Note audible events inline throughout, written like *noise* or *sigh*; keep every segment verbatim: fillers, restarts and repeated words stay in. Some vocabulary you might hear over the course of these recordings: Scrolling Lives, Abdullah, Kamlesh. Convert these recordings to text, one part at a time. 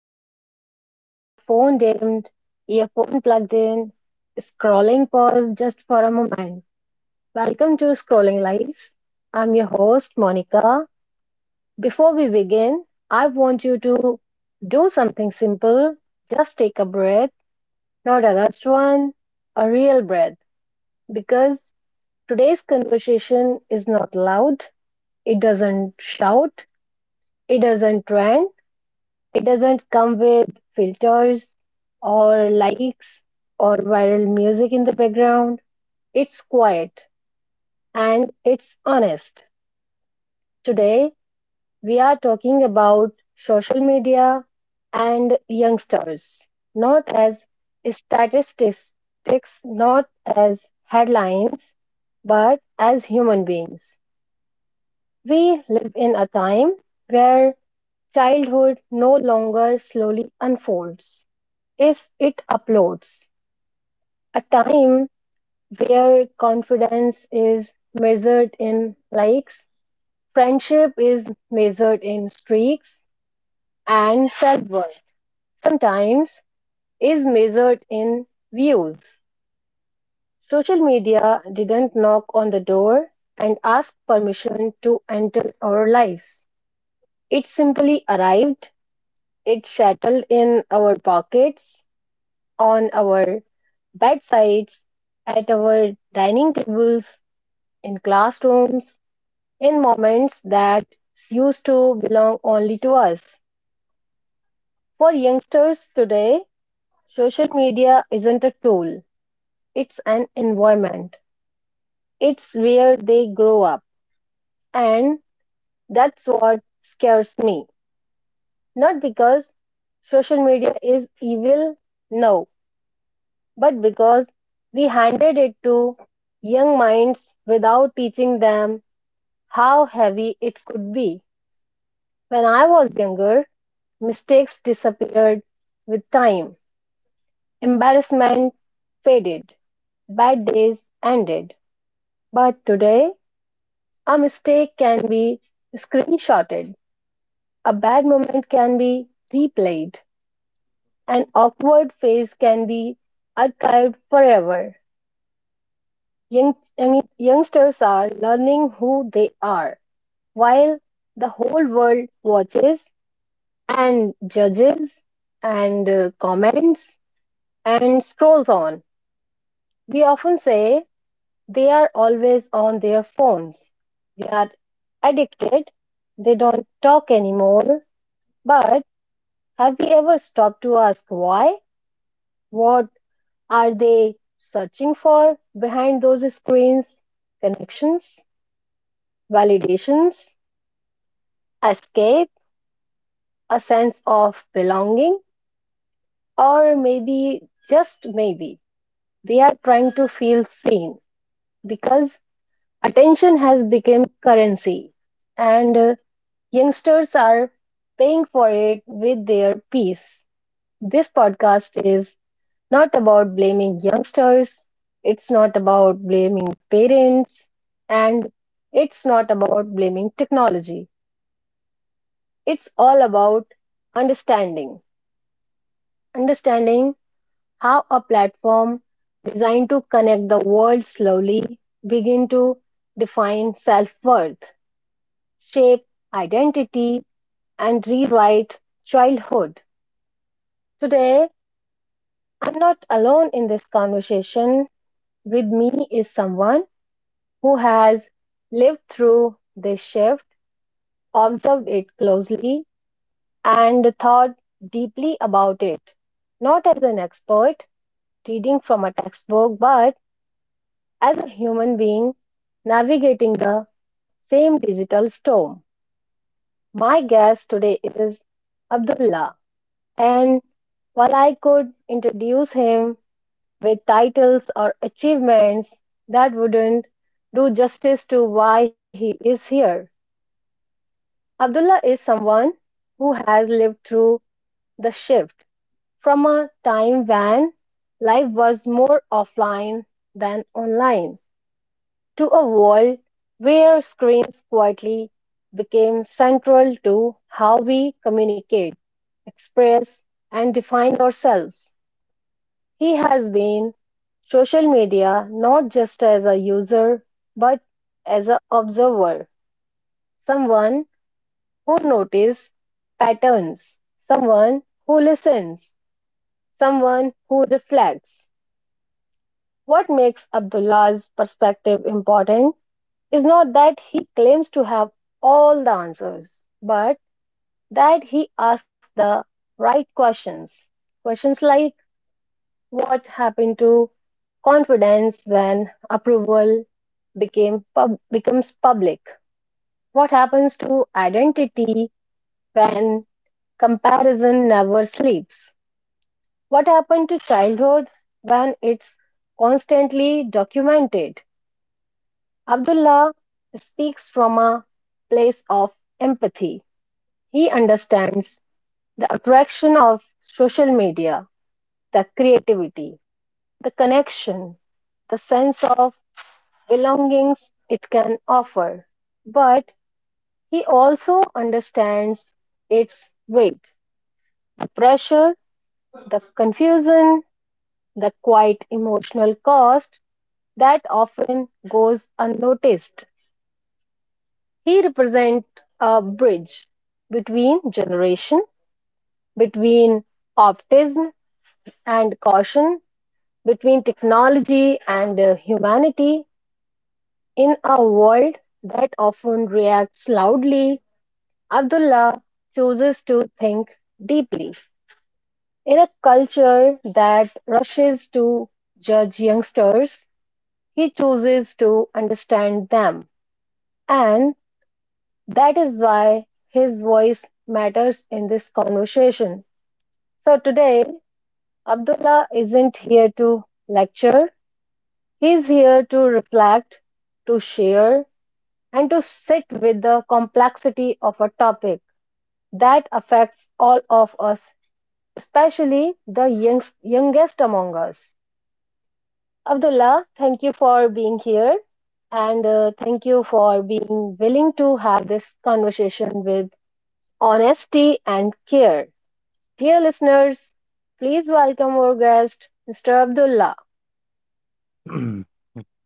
listening to this with your phone dimmed, earphone plugged in, scrolling pause just for a moment. Welcome to Scrolling Lives. I'm your host, Monica. Before we begin, I want you to do something simple. Just take a breath, not a rushed one, a real breath, because today's conversation is not loud, it doesn't shout, it doesn't trend. It doesn't come with filters or likes or viral music in the background. It's quiet and it's honest. Today, we are talking about social media and youngsters, not as statistics, not as headlines, but as human beings. We live in a time where childhood no longer slowly unfolds. Is it uploads, a time where confidence is measured in likes, friendship is measured in streaks, and self worth sometimes is measured in views. Social media didn't knock on the door and ask permission to enter our lives. It simply arrived, it settled in our pockets, on our bedsides, at our dining tables, in classrooms, in moments that used to belong only to us. For youngsters today, social media isn't a tool, it's an environment. It's where they grow up. And that's what scares me. Not because social media is evil, no, but because we handed it to young minds without teaching them how heavy it could be. When I was younger, mistakes disappeared with time, embarrassment faded, bad days ended. But today, a mistake can be screenshotted, a bad moment can be replayed, an awkward phase can be archived forever. Young, young- youngsters are learning who they are while the whole world watches and judges and uh, comments and scrolls on. We often say they are always on their phones. They are addicted. They don't talk anymore. But have we ever stopped to ask why? What are they searching for behind those screens? Connections? Validations? Escape, a sense of belonging, or maybe just maybe they are trying to feel seen because attention has become currency and uh, youngsters are paying for it with their peace. This podcast is not about blaming youngsters, it's not about blaming parents, and it's not about blaming technology. It's all about understanding. Understanding how a platform designed to connect the world slowly begin to define self-worth, shape identity, and rewrite childhood. Today, I'm not alone in this conversation. With me is someone who has lived through this shift, observed it closely, and thought deeply about it. Not as an expert reading from a textbook, but as a human being navigating the same digital storm, my guest today is Abdullah. And while I could introduce him with titles or achievements, that wouldn't do justice to why he is here. Abdullah is someone who has lived through the shift from a time when life was more offline than online to a world where screens quietly became central to how we communicate, express, and define ourselves. He has been social media not just as a user but as an observer, someone who notices patterns, someone who listens, someone who reflects. What makes Abdullah's perspective important is not that he claims to have all the answers, but that he asks the right questions. Questions like what happened to confidence when approval became pub- becomes public? What happens to identity when comparison never sleeps? What happened to childhood when it's constantly documented? Abdullah speaks from a place of empathy. He understands the attraction of social media, the creativity, the connection, the sense of belongings it can offer. But he also understands its weight, the pressure, the confusion, the quiet emotional cost that often goes unnoticed. He represents a bridge between generation, between optimism and caution, between technology and uh, humanity in a world that often reacts loudly, Abdullah chooses to think deeply. In a culture that rushes to judge youngsters, he chooses to understand them. And that is why his voice matters in this conversation. So today, Abdullah isn't here to lecture, he's here to reflect, to share, and to sit with the complexity of a topic that affects all of us, especially the youngst, youngest among us. Abdullah, thank you for being here and uh, thank you for being willing to have this conversation with honesty and care. Dear listeners, please welcome our guest, Mister Abdullah. *clears throat*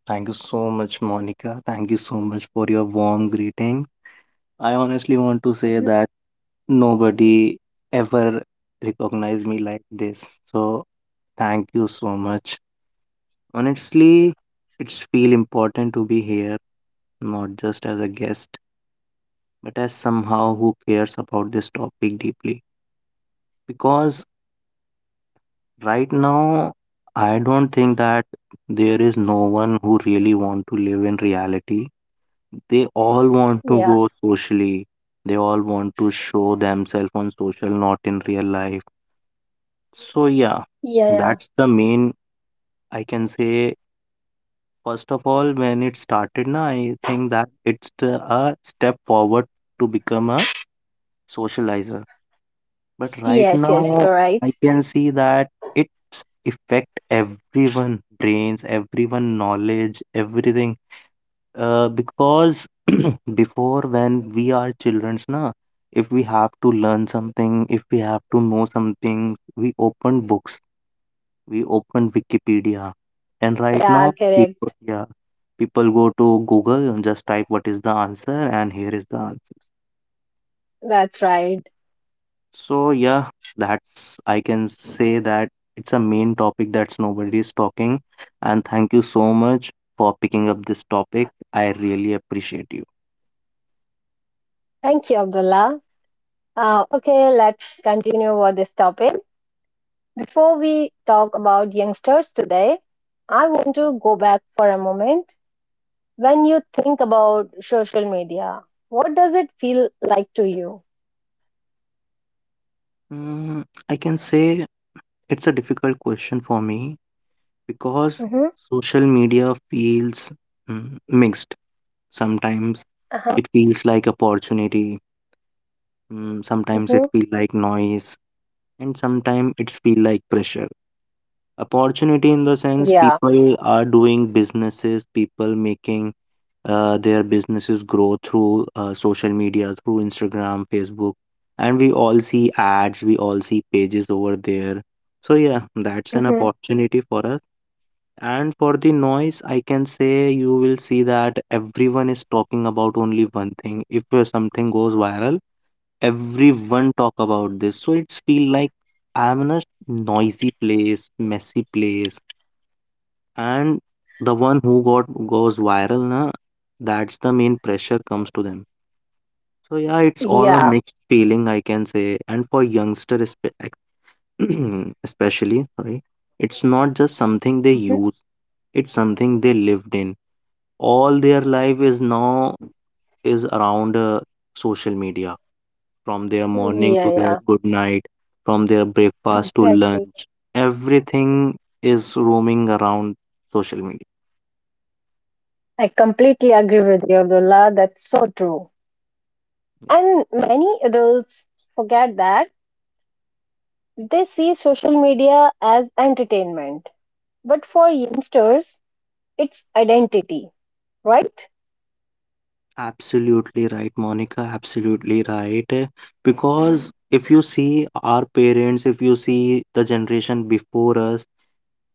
Thank you so much, Monica. Thank you so much for your warm greeting. I honestly want to say Mhm. that nobody ever recognized me like this. So thank you so much. Honestly, it's feel important to be here, not just as a guest, but as somehow who cares about this topic deeply. Because Right now, I don't think that there is no one who really want to live in reality. They all want to Yeah, go socially. They all want to show themselves on social, not in real life. So yeah, yeah, yeah. that's the main I can say. First of all, when it started, na, I think that it's the, a step forward to become a socializer. But right Yes, yes, now, you're right. I can see that it's affect everyone, brains, everyone, knowledge, everything. Uh, because *clears throat* before when we are childrens, na, if we have to learn something, if we have to know something, we open books, we open Wikipedia, and right Yeah, now, people, correct. yeah, people go to Google and just type what is the answer, and here is the answer. That's right. So yeah, that's I can say that it's a main topic that's nobody is talking. And thank you so much for picking up this topic. I really appreciate you. Thank you, Abdullah. Uh, okay, let's continue with this topic. Before we talk about youngsters today, I want to go back for a moment. When you think about social media, what does it feel like to you? Mm, I can say it's a difficult question for me because Mm-hmm. social media feels mm, mixed. Sometimes Uh-huh. it feels like opportunity. Mm, sometimes Mm-hmm. it feels like noise, and sometimes it feels like pressure. Opportunity in the sense Yeah. people are doing businesses, people making uh, their businesses grow through uh, social media, through Instagram, Facebook, and we all see ads, we all see pages over there. So, yeah, that's an Mm-hmm. opportunity for us. And for the noise, I can say you will see that everyone is talking about only one thing. If uh, something goes viral, everyone talk about this. So it's feel like I'm in a noisy place, messy place, and the one who got goes viral, na, that's the main pressure comes to them. So yeah, it's all a Mm. Yeah. mixed feeling, I can say. And for youngster, espe- ex- *clears throat* especially, sorry, it's not just something they Mm-hmm. use. It's something they lived in. All their life is now is around uh, social media. From their morning Yeah, to their yeah. good night, from their breakfast to Exactly. lunch, everything is roaming around social media. I completely agree with you, Abdullah. That's so true. And many adults forget that they see social media as entertainment. But for youngsters, it's identity, right? Absolutely right, Monica. Absolutely right. Because if you see our parents, if you see the generation before us,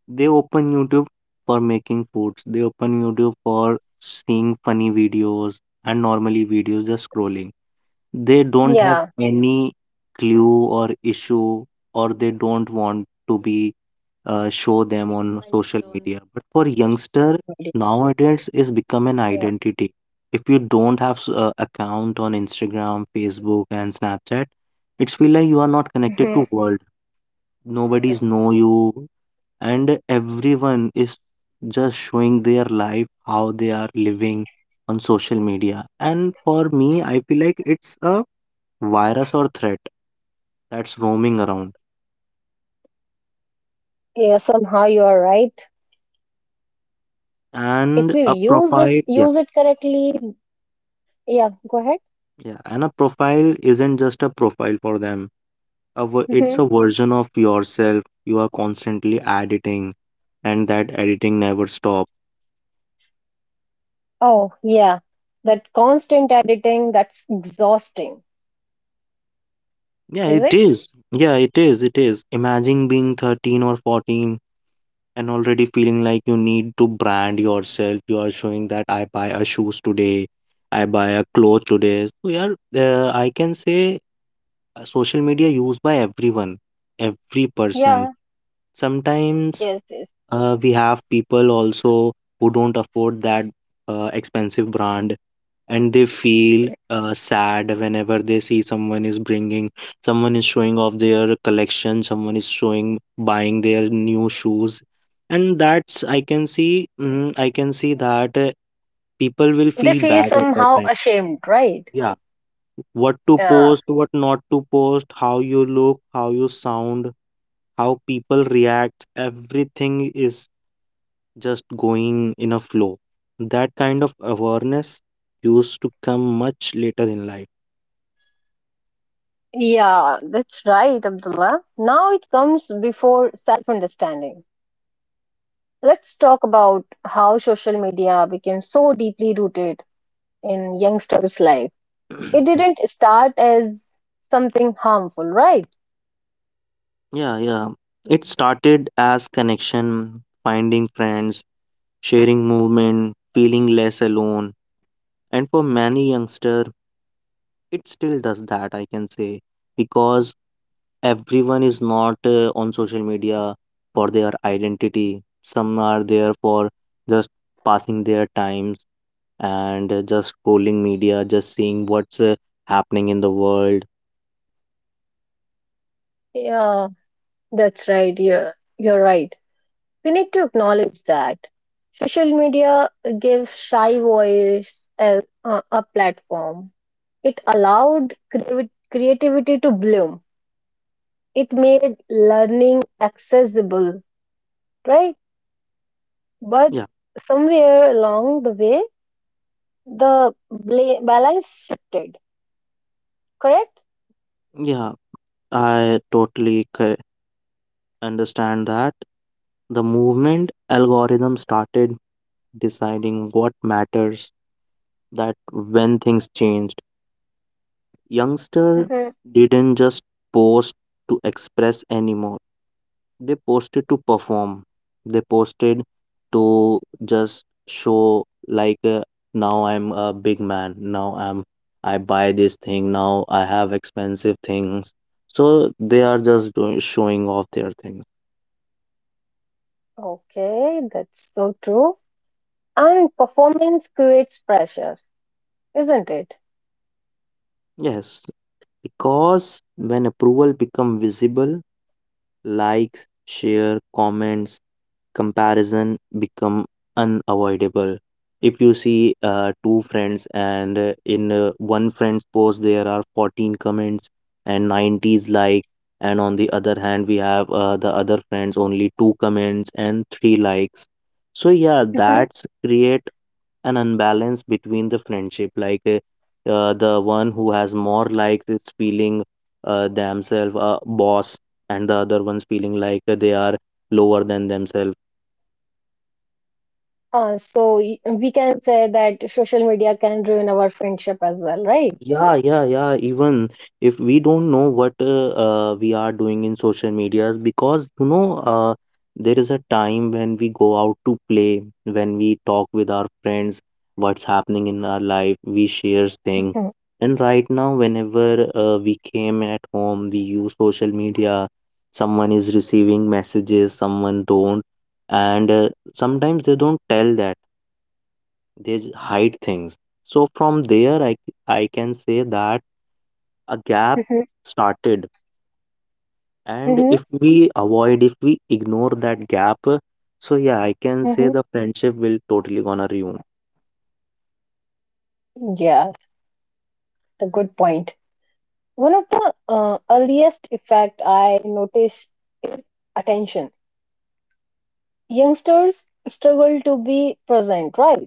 they open YouTube for making foods. They open YouTube for seeing funny videos and normally videos just scrolling. They don't have Yeah. any clue or issue, or they don't want to be uh, show them on social media. But for youngster nowadays, is become an Yeah. identity. If you don't have s- uh, account on Instagram, Facebook, and Snapchat, it's feel like you are not Mhm. connected to world. Nobody's know you, and everyone is just showing their life how they are living on social media. And for me, I feel like it's a virus or threat that's roaming around. Yeah, somehow you are right. If And you a use profile this, Yeah, use it correctly. Yeah, go ahead. yeah. And a profile isn't just a profile for them. A, ver- hmm. It's a version of yourself you are constantly editing, and that editing never stop. Oh, yeah. That constant editing, that's exhausting, Yeah, is it it? is. Yeah, it is. It is. Imagine being thirteen or fourteen and already feeling like you need to brand yourself. You are showing that I buy a shoes today, I buy a clothes today. So yeah, uh, I can say uh, social media used by everyone, every person. Yeah. Sometimes Yes, yes. uh, we have people also who don't afford that uh, expensive brand, and they feel uh, sad whenever they see someone is bringing, someone is showing off their collection, someone is showing buying their new shoes. And that's i can see mm, i can see that uh, people will They feel feel bad at that somehow time. ashamed, right? Yeah, what to Yeah. post, what not to post, how you look, how you sound, how people react, everything is just going in a flow. That kind of awareness used to come much later in life. Yeah, that's right, Abdullah. Now it comes before self understanding. Let's talk about how social media became so deeply rooted in youngsters' life. It *clears throat* didn't start as something harmful, right? Yeah, yeah. It started as connection, finding friends, sharing movement, feeling less alone. And for many youngster, it still does that, I can say, because everyone is not uh, on social media for their identity. Some are there for just passing their times, and uh, just scrolling media, just seeing what's uh, happening in the world. Yeah, that's right. Yeah, you're right. We need to acknowledge that social media gave shy voice a, a, a platform. It allowed creavi- creativity to bloom. It made learning accessible, right? But Yeah, somewhere along the way, the bla- balance shifted, correct? yeah, I totally c- understand that the movement algorithm started deciding what matters. That when things changed, youngster Hmm. didn't just post to express anymore. They posted to perform. They posted to just show like uh, now I'm a big man. Now I'm I buy this thing. Now I have expensive things. So they are just doing, showing off their things. Okay, that's so true. And performance creates pressure, isn't it? Yes, because when approval become visible, likes, share, comments, comparison become unavoidable. If you see uh, two friends, and uh, in uh, one friend's post there are fourteen comments and nineties like, and on the other hand we have uh, the other friends only two comments and three likes. So yeah, Hmm. that's create an unbalance between the friendship, like uh, uh, the one who has more likes is feeling uh, themselves a boss, and the other one's feeling like uh, they are lower than themselves. Uh, so y- we can say that social media can ruin our friendship as well, right? Yeah, yeah, yeah. Even if we don't know what uh, uh, we are doing in social medias, because you know, uh, there is a time when we go out to play, when we talk with our friends, what's happening in our life, we share things. Hmm. And right now, whenever uh, we came at home, we use social media. Someone is receiving messages, someone don't, and uh, sometimes they don't tell that they j- hide things. So from there, I I can say that a gap started, and Mm-hmm, if we avoid if we ignore that gap, so yeah, I can say mm-hmm. the friendship will totally gonna ruin. Yeah, a good point. One of the uh, earliest effect I noticed is attention. Youngsters struggle to be present, right?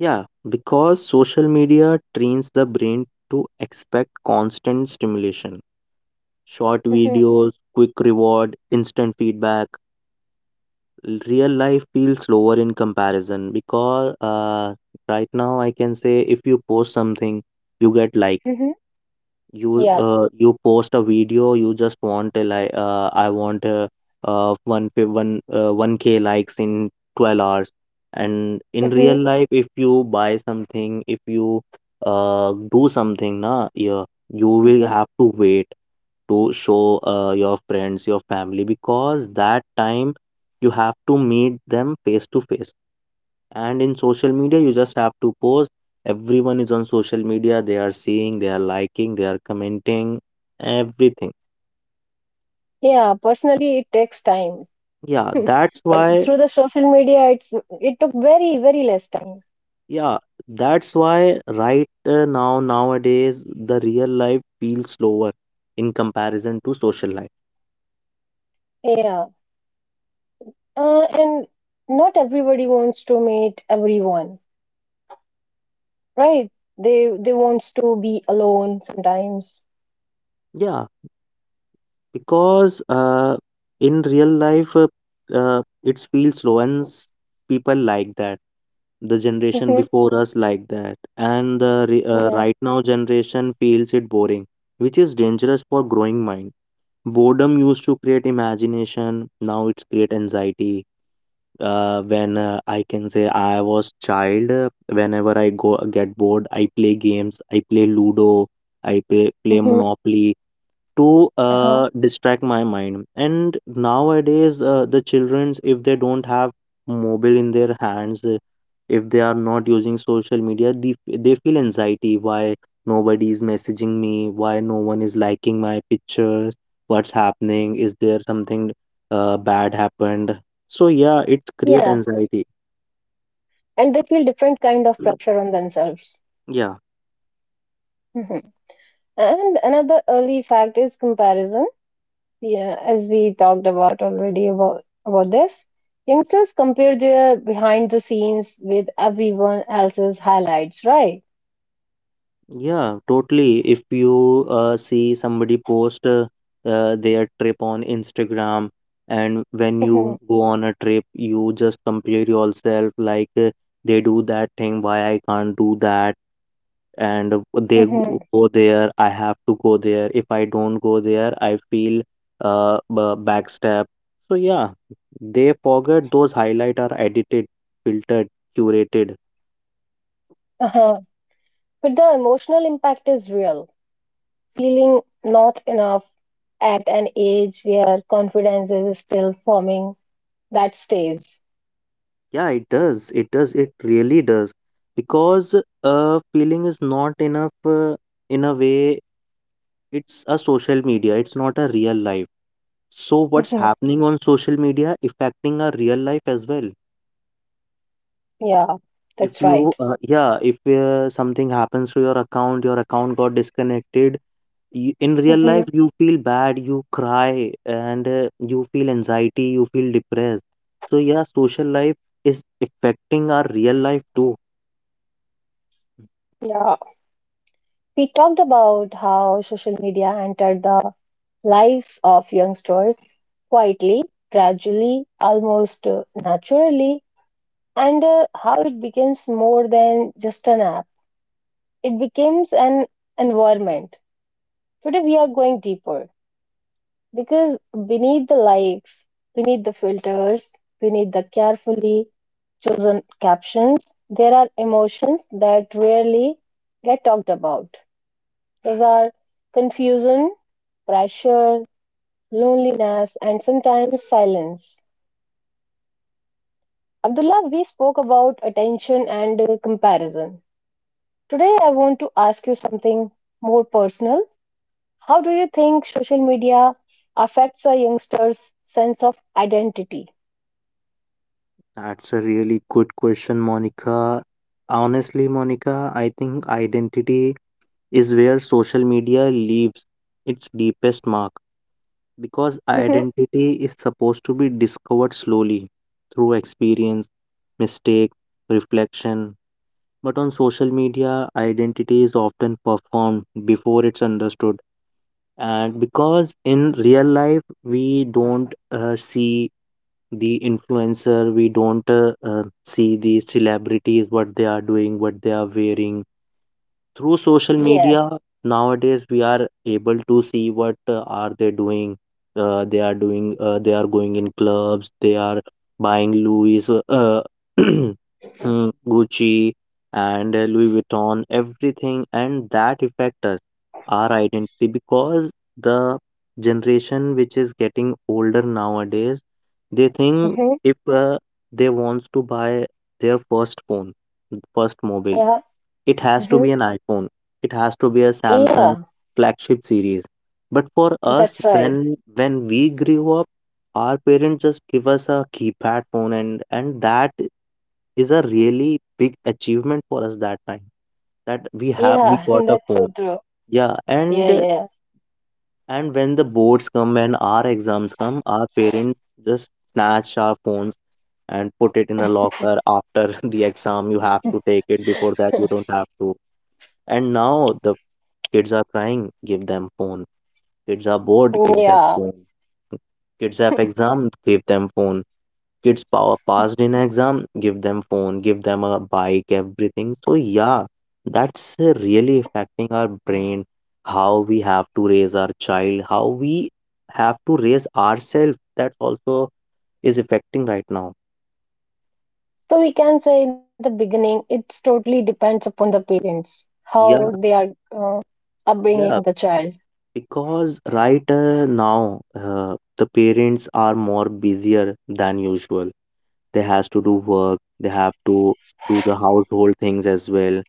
Yeah, because social media trains the brain to expect constant stimulation, short Hmm. videos, quick reward, instant feedback. L- real life feels slower in comparison, because uh, right now I can say if you post something, you get like, Mm-hmm. you Yeah. uh, you post a video, you just want a like, uh, i want a, uh, one pi- one uh, one k likes in twelve hours. And in Mm-hmm. real life if you buy something, if you uh, do something, na, yeah, you will have to wait to show uh, your friends, your family, because that time you have to meet them face to face. And in social media, you just have to post. Everyone is on social media. They are seeing, they are liking, they are commenting, everything. Yeah, personally, it takes time, Yeah, that's but why. through the social media, it's it took very, very less time. Yeah, that's why right uh, now, nowadays, the real life feels slower in comparison to social life. Yeah, uh, and not everybody wants to meet everyone, right? They they wants to be alone sometimes. Yeah, because uh, in real life, uh, uh, it feels slow, and s- people like that. The generation Mm-hmm. before us like that, and the re- uh, Yeah. right now generation feels it boring, which is dangerous for growing mind. Boredom used to create imagination, now it's create anxiety. Uh, when uh, I can say I was child, uh, whenever I go get bored, I play games. I play Ludo. I play play Mm-hmm. Monopoly to Uh-huh. uh, distract my mind. And nowadays, uh, the childrens, if they don't have mobile in their hands, uh, if they are not using social media, they, they feel anxiety. Why nobody is messaging me? Why no one is liking my pictures? What's happening? Is there something uh, bad happened? So yeah, it create Yeah, anxiety. and they feel different kind of pressure on themselves. Yeah, Mm-hmm. And another early fact is comparison. Yeah, as we talked about already about, about this, youngsters compare their behind the scenes with everyone else's highlights, right? yeah, totally. If you uh, see somebody post uh, uh, their trip on Instagram, and when Mm-hmm, you go on a trip, you just compare yourself like uh, they do that thing, why I can't do that, and uh, they mm-hmm, go go there, I have to go there. If I don't go there, I feel uh ba- backstab. So yeah, they forget those highlight are edited, filtered, curated. uh-huh. But the emotional impact is real. Feeling not enough at an age where confidence is still forming, that stays. Yeah, it does. It does. It really does. Because uh, feeling is not enough uh, in a way. It's a social media. It's not a real life. So what's Mm-hmm, happening on social media affecting our real life as well. yeah, If that's you, right. uh, yeah, if uh, something happens to your account, your account got disconnected. y- In real Mm-hmm, life, you feel bad, you cry, and uh, you feel anxiety, you feel depressed. So yeah, social life is affecting our real life too. yeah. We talked about how social media entered the lives of youngsters quietly, gradually, almost uh, naturally, and uh, how it becomes more than just an app. It becomes an environment. Today we are going deeper because beneath the likes, beneath the filters, beneath the carefully chosen captions, there are emotions that rarely get talked about. Those are confusion, pressure, loneliness, and sometimes silence. Abdullah, we spoke about attention and uh, comparison. Today, I want to ask you something more personal. How do you think social media affects a youngster's sense of identity? That's a really good question, Monica. Honestly, Monica, I think identity is where social media leaves its deepest mark, because Hmm. identity is supposed to be discovered slowly through experience, mistake, reflection. But on social media, identity is often performed before it's understood. And because in real life we don't uh, see the influencer, we don't uh, uh, see the celebrities what they are doing, what they are wearing, through social Yeah. media, nowadays we are able to see what uh, are they doing. Uh, they are doing. Uh, they are going in clubs. They are buying Louis, uh, uh, *clears throat* mm, Gucci, and uh, Louis Vuitton. Everything, and that affect us, our identity, because the generation which is getting older nowadays, they think Hmm. if uh, they wants to buy their first phone, first mobile. Yeah. It has to Hmm. be an iPhone. It has to be a Samsung Yeah. flagship series. But for us, That's right. when when we grew up, our parents just give us a keypad phone, and and that is a really big achievement for us that time that we have we Yeah. *laughs* got a That's so phone, true. yeah. Yeah. and Yeah. and when the boards come and our exams come, our parents just snatch our phones and put it in a locker after *laughs* the exam. You have to take it before that, you don't have to. And now the kids are crying, give them phone. Kids are bored, give them Yeah. phone. Kids have exam, give them phone. Kids power passed in exam, give them phone, give them a bike, everything. So yeah, that's uh, really affecting our brain, how we have to raise our child, how we have to raise ourselves. That also is affecting right now. So we can say in the beginning, it's totally depends upon the parents how Yeah, they are uh, yeah. upbringing the child. Because right uh, now, uh, the parents are more busier than usual. They has to do work, they have to do the household things as well.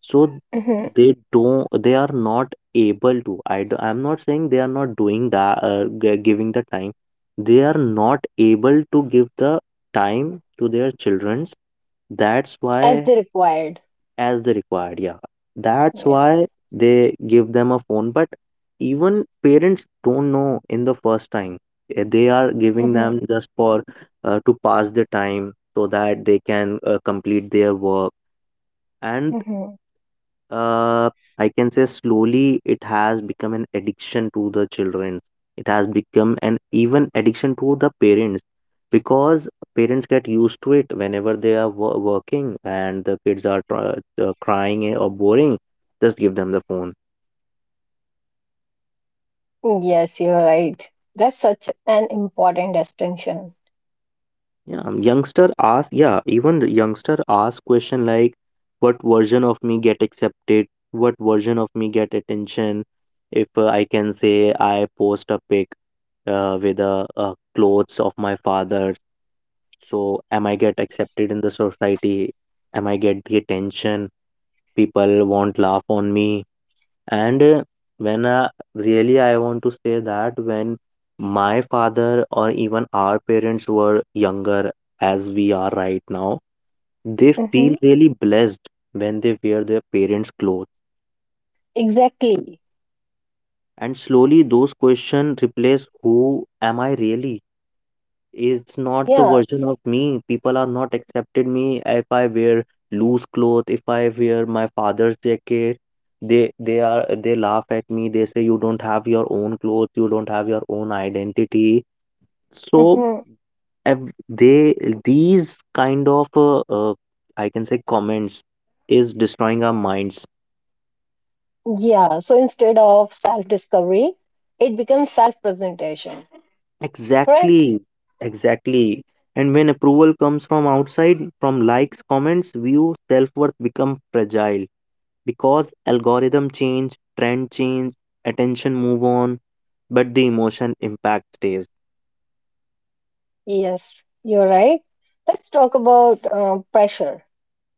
So Hmm. they don't, they are not able to. I, do- I'm not saying they are not doing that, uh, g- giving the time. They are not able to give the time to their childrens. That's As why, they required. as they required, yeah, that's Yeah. why they give them a phone. But even parents don't know, in the first time, eh, they are giving Hmm. them just for uh, to pass the time so that they can uh, complete their work. And Hmm. uh, I can say slowly it has become an addiction to the children. It has become an even addiction to the parents because parents get used to it whenever they are wo- working and the kids are tr- uh, crying or boring. Just give them the phone. Yes, you're right. That's such an important distinction. Yeah, um, youngster ask. Yeah, even the youngster ask question like, "What version of me get accepted? What version of me get attention?" If uh, I can say I post a pic uh, with the uh, clothes of my father, so am I get accepted in the society, am I get the attention, people won't laugh on me. And uh, when uh, really I want to say that when my father or even our parents were younger as we are right now, they feel Mm-hmm. really blessed when they wear their parents' clothes. Exactly. And slowly, those questions replace who am I really? It's not the Yeah. version of me. People are not accepted me if I wear loose clothes, if I wear my father's jacket. They they are they laugh at me. They say you don't have your own clothes, you don't have your own identity. So Mm-hmm. ev- they, these kind of uh, uh, I can say comments is destroying our minds. Yeah. So instead of self-discovery, it becomes self-presentation. Correct? Exactly, exactly. And when approval comes from outside, from likes, comments, view, self worth become fragile, because algorithm change, trend change, attention move on, but the emotion impact stays. Yes, you're right. Let's talk about uh, pressure.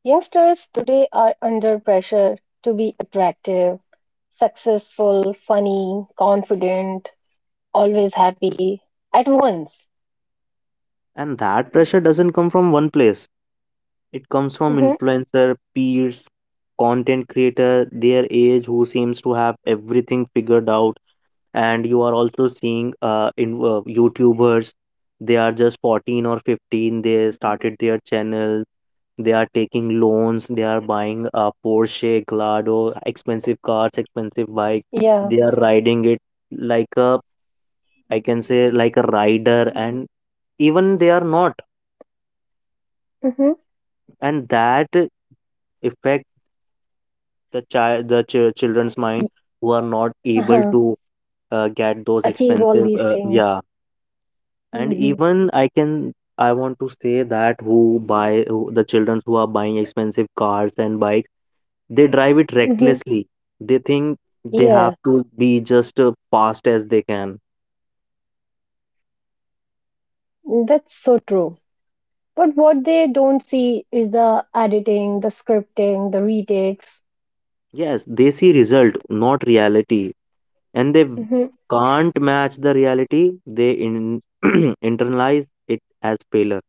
Youngsters today are under pressure to be attractive, successful, funny, confident, always happy at once. And that pressure doesn't come from one place. It comes from Hmm. influencer, peers, content creator, their age who seems to have everything figured out. And you are also seeing uh, in uh, YouTubers, they are just fourteen or fifteen. They started their channel. They are taking loans, they are buying a Porsche, Gallardo, expensive cars, expensive bike. Yeah. They are riding it like a, I can say, like a rider, and even they are not. Hmm. And that affect the child, the ch- children's mind, who are not able Uh-huh. to uh, get those Achieve all expensive, these uh, things. yeah. And Hmm. even I can I want to say that who buy who, the children who are buying expensive cars and bikes, they drive it Hmm. recklessly. They think they have Yeah, to be just uh, fast as they can. that's so true. But what they don't see is the editing, the scripting, the retakes, Yes, they see result, not reality, and they hmm, can't match the reality. They in *clears throat* internalize it as failure.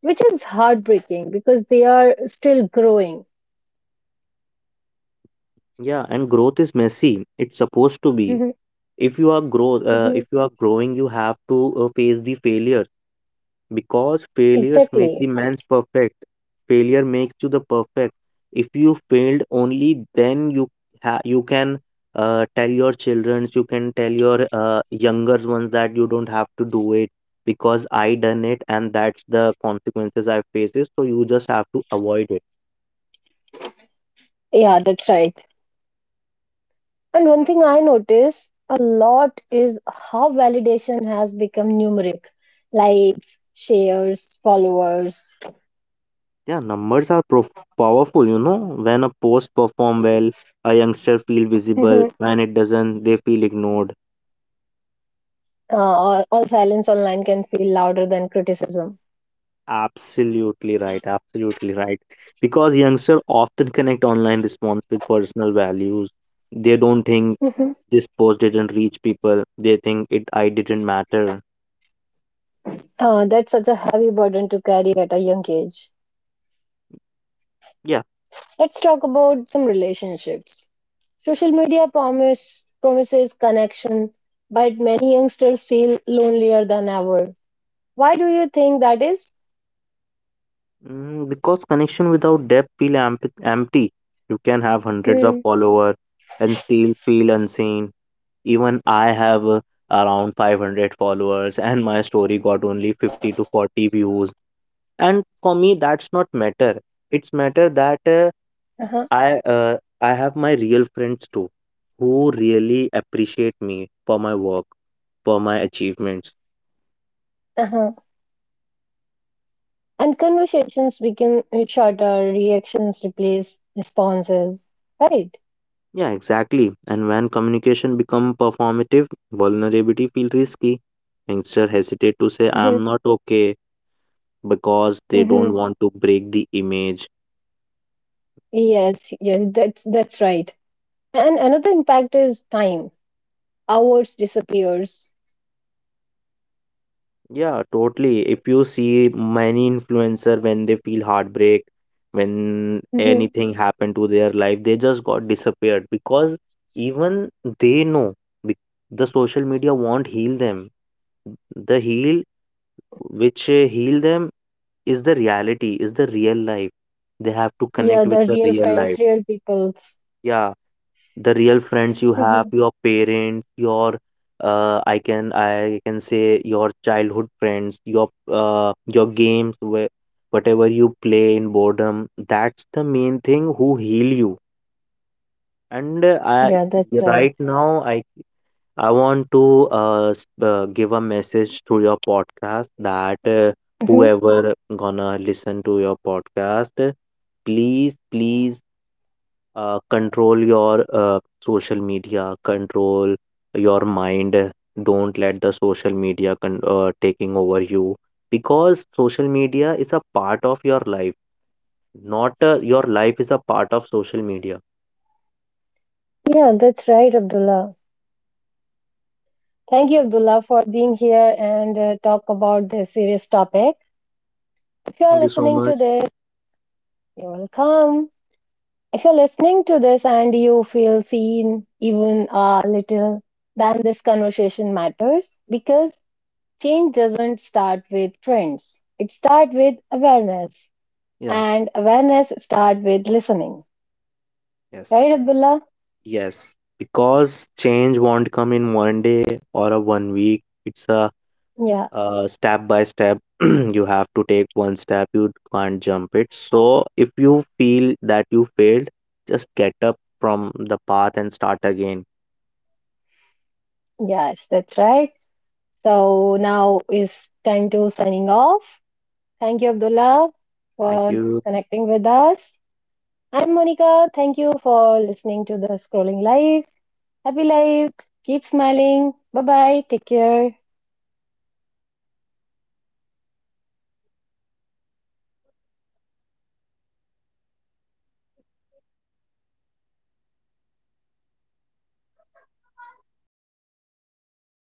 which is heartbreaking because they are still growing. Yeah, and growth is messy. It's supposed to be. Hmm. If you are grow, uh, if Hmm. you are growing, you have to uh, face the failure. Because failures make the Exactly. man's perfect. Failure makes you the perfect. If you failed, only then you ha- you can uh, tell your children, you can tell your uh, younger ones that you don't have to do it because I done it and that's the consequences I faces. So you just have to avoid it. Yeah, that's right. And one thing I notice a lot is how validation has become numeric likes, shares, followers. Yeah, numbers are prof- powerful. You know, when a post perform well, a youngster feel *laughs* uh, visible. When it doesn't, they feel ignored. all, all silence online can feel louder than criticism. Absolutely right. Absolutely right. Because youngsters often connect online response with personal values. They don't think *laughs* Mhm. this post didn't reach people. They think it I didn't matter. Uh, that's such a heavy burden to carry at a young age. Yeah. Let's talk about some relationships. Social media promise promises connection, but many youngsters feel lonelier than ever. Why do you think that is? Mm, because connection without depth feel amp- empty. You can have hundreds of Hmm. followers and still feel unseen. Even I have uh, around five hundred followers *laughs* and my story got only fifty to forty views. And for me, that's not matter. It's matter that uh, Uh-huh. I uh, I have my real friends too, who really appreciate me for my work, for my achievements. Uh-huh. And conversations become shorter, reactions replace responses. Right. Yeah, exactly. And when communication become performative, vulnerability feel risky. Youngster hesitate to say Hmm. I'm not okay because they don't Hmm. want to break the image. Yes, yes, that's that's right. And another impact is time. Hours disappears. Yeah, totally. If you see many influencer when they feel heartbreak, when Hmm. anything happened to their life, they just got disappeared because even they know, bec- the social media won't heal them. The heal which uh, heal them is the reality, is the real life. They have to Yeah, connect with the the real real friends, life. real peoples. Yeah, the real friends, you have Hmm. your parents, your uh, i can I can say your childhood friends, your uh, your games, where whatever you play in boredom, that's the main thing who heal you. And uh, Yeah, that's I right. right now i I want to uh, s- uh, give a message through your podcast that uh, Hmm. whoever gonna listen to your podcast, please please uh, control your uh, social media, control your mind, don't let the social media con- uh, taking over you, because social media is a part of your life, not uh, your life is a part of social media. Yeah, that's right, Abdullah. Thank you, Abdullah, for being here and uh, talk about this serious topic. If you are Thank you so listening to much. this, you're welcome. If you're listening to this and you feel seen even a little, then this conversation matters because change doesn't start with trends. It starts with awareness, Yeah. and awareness starts with listening. Yes. Right, Abdullah? Yes, because change won't come in one day or a one week. It's a Yeah, uh, step by step. *clears throat* You have to take one step, you can't jump it. So if you feel that you failed, just get up from the path and start again. yes, that's right. So now is time to signing off. Thank you, Abdullah, Thank for you. connecting with us. I'm Monica. Thank you for listening to the Scrolling Lives. Happy life. Keep smiling. Bye bye. Take care.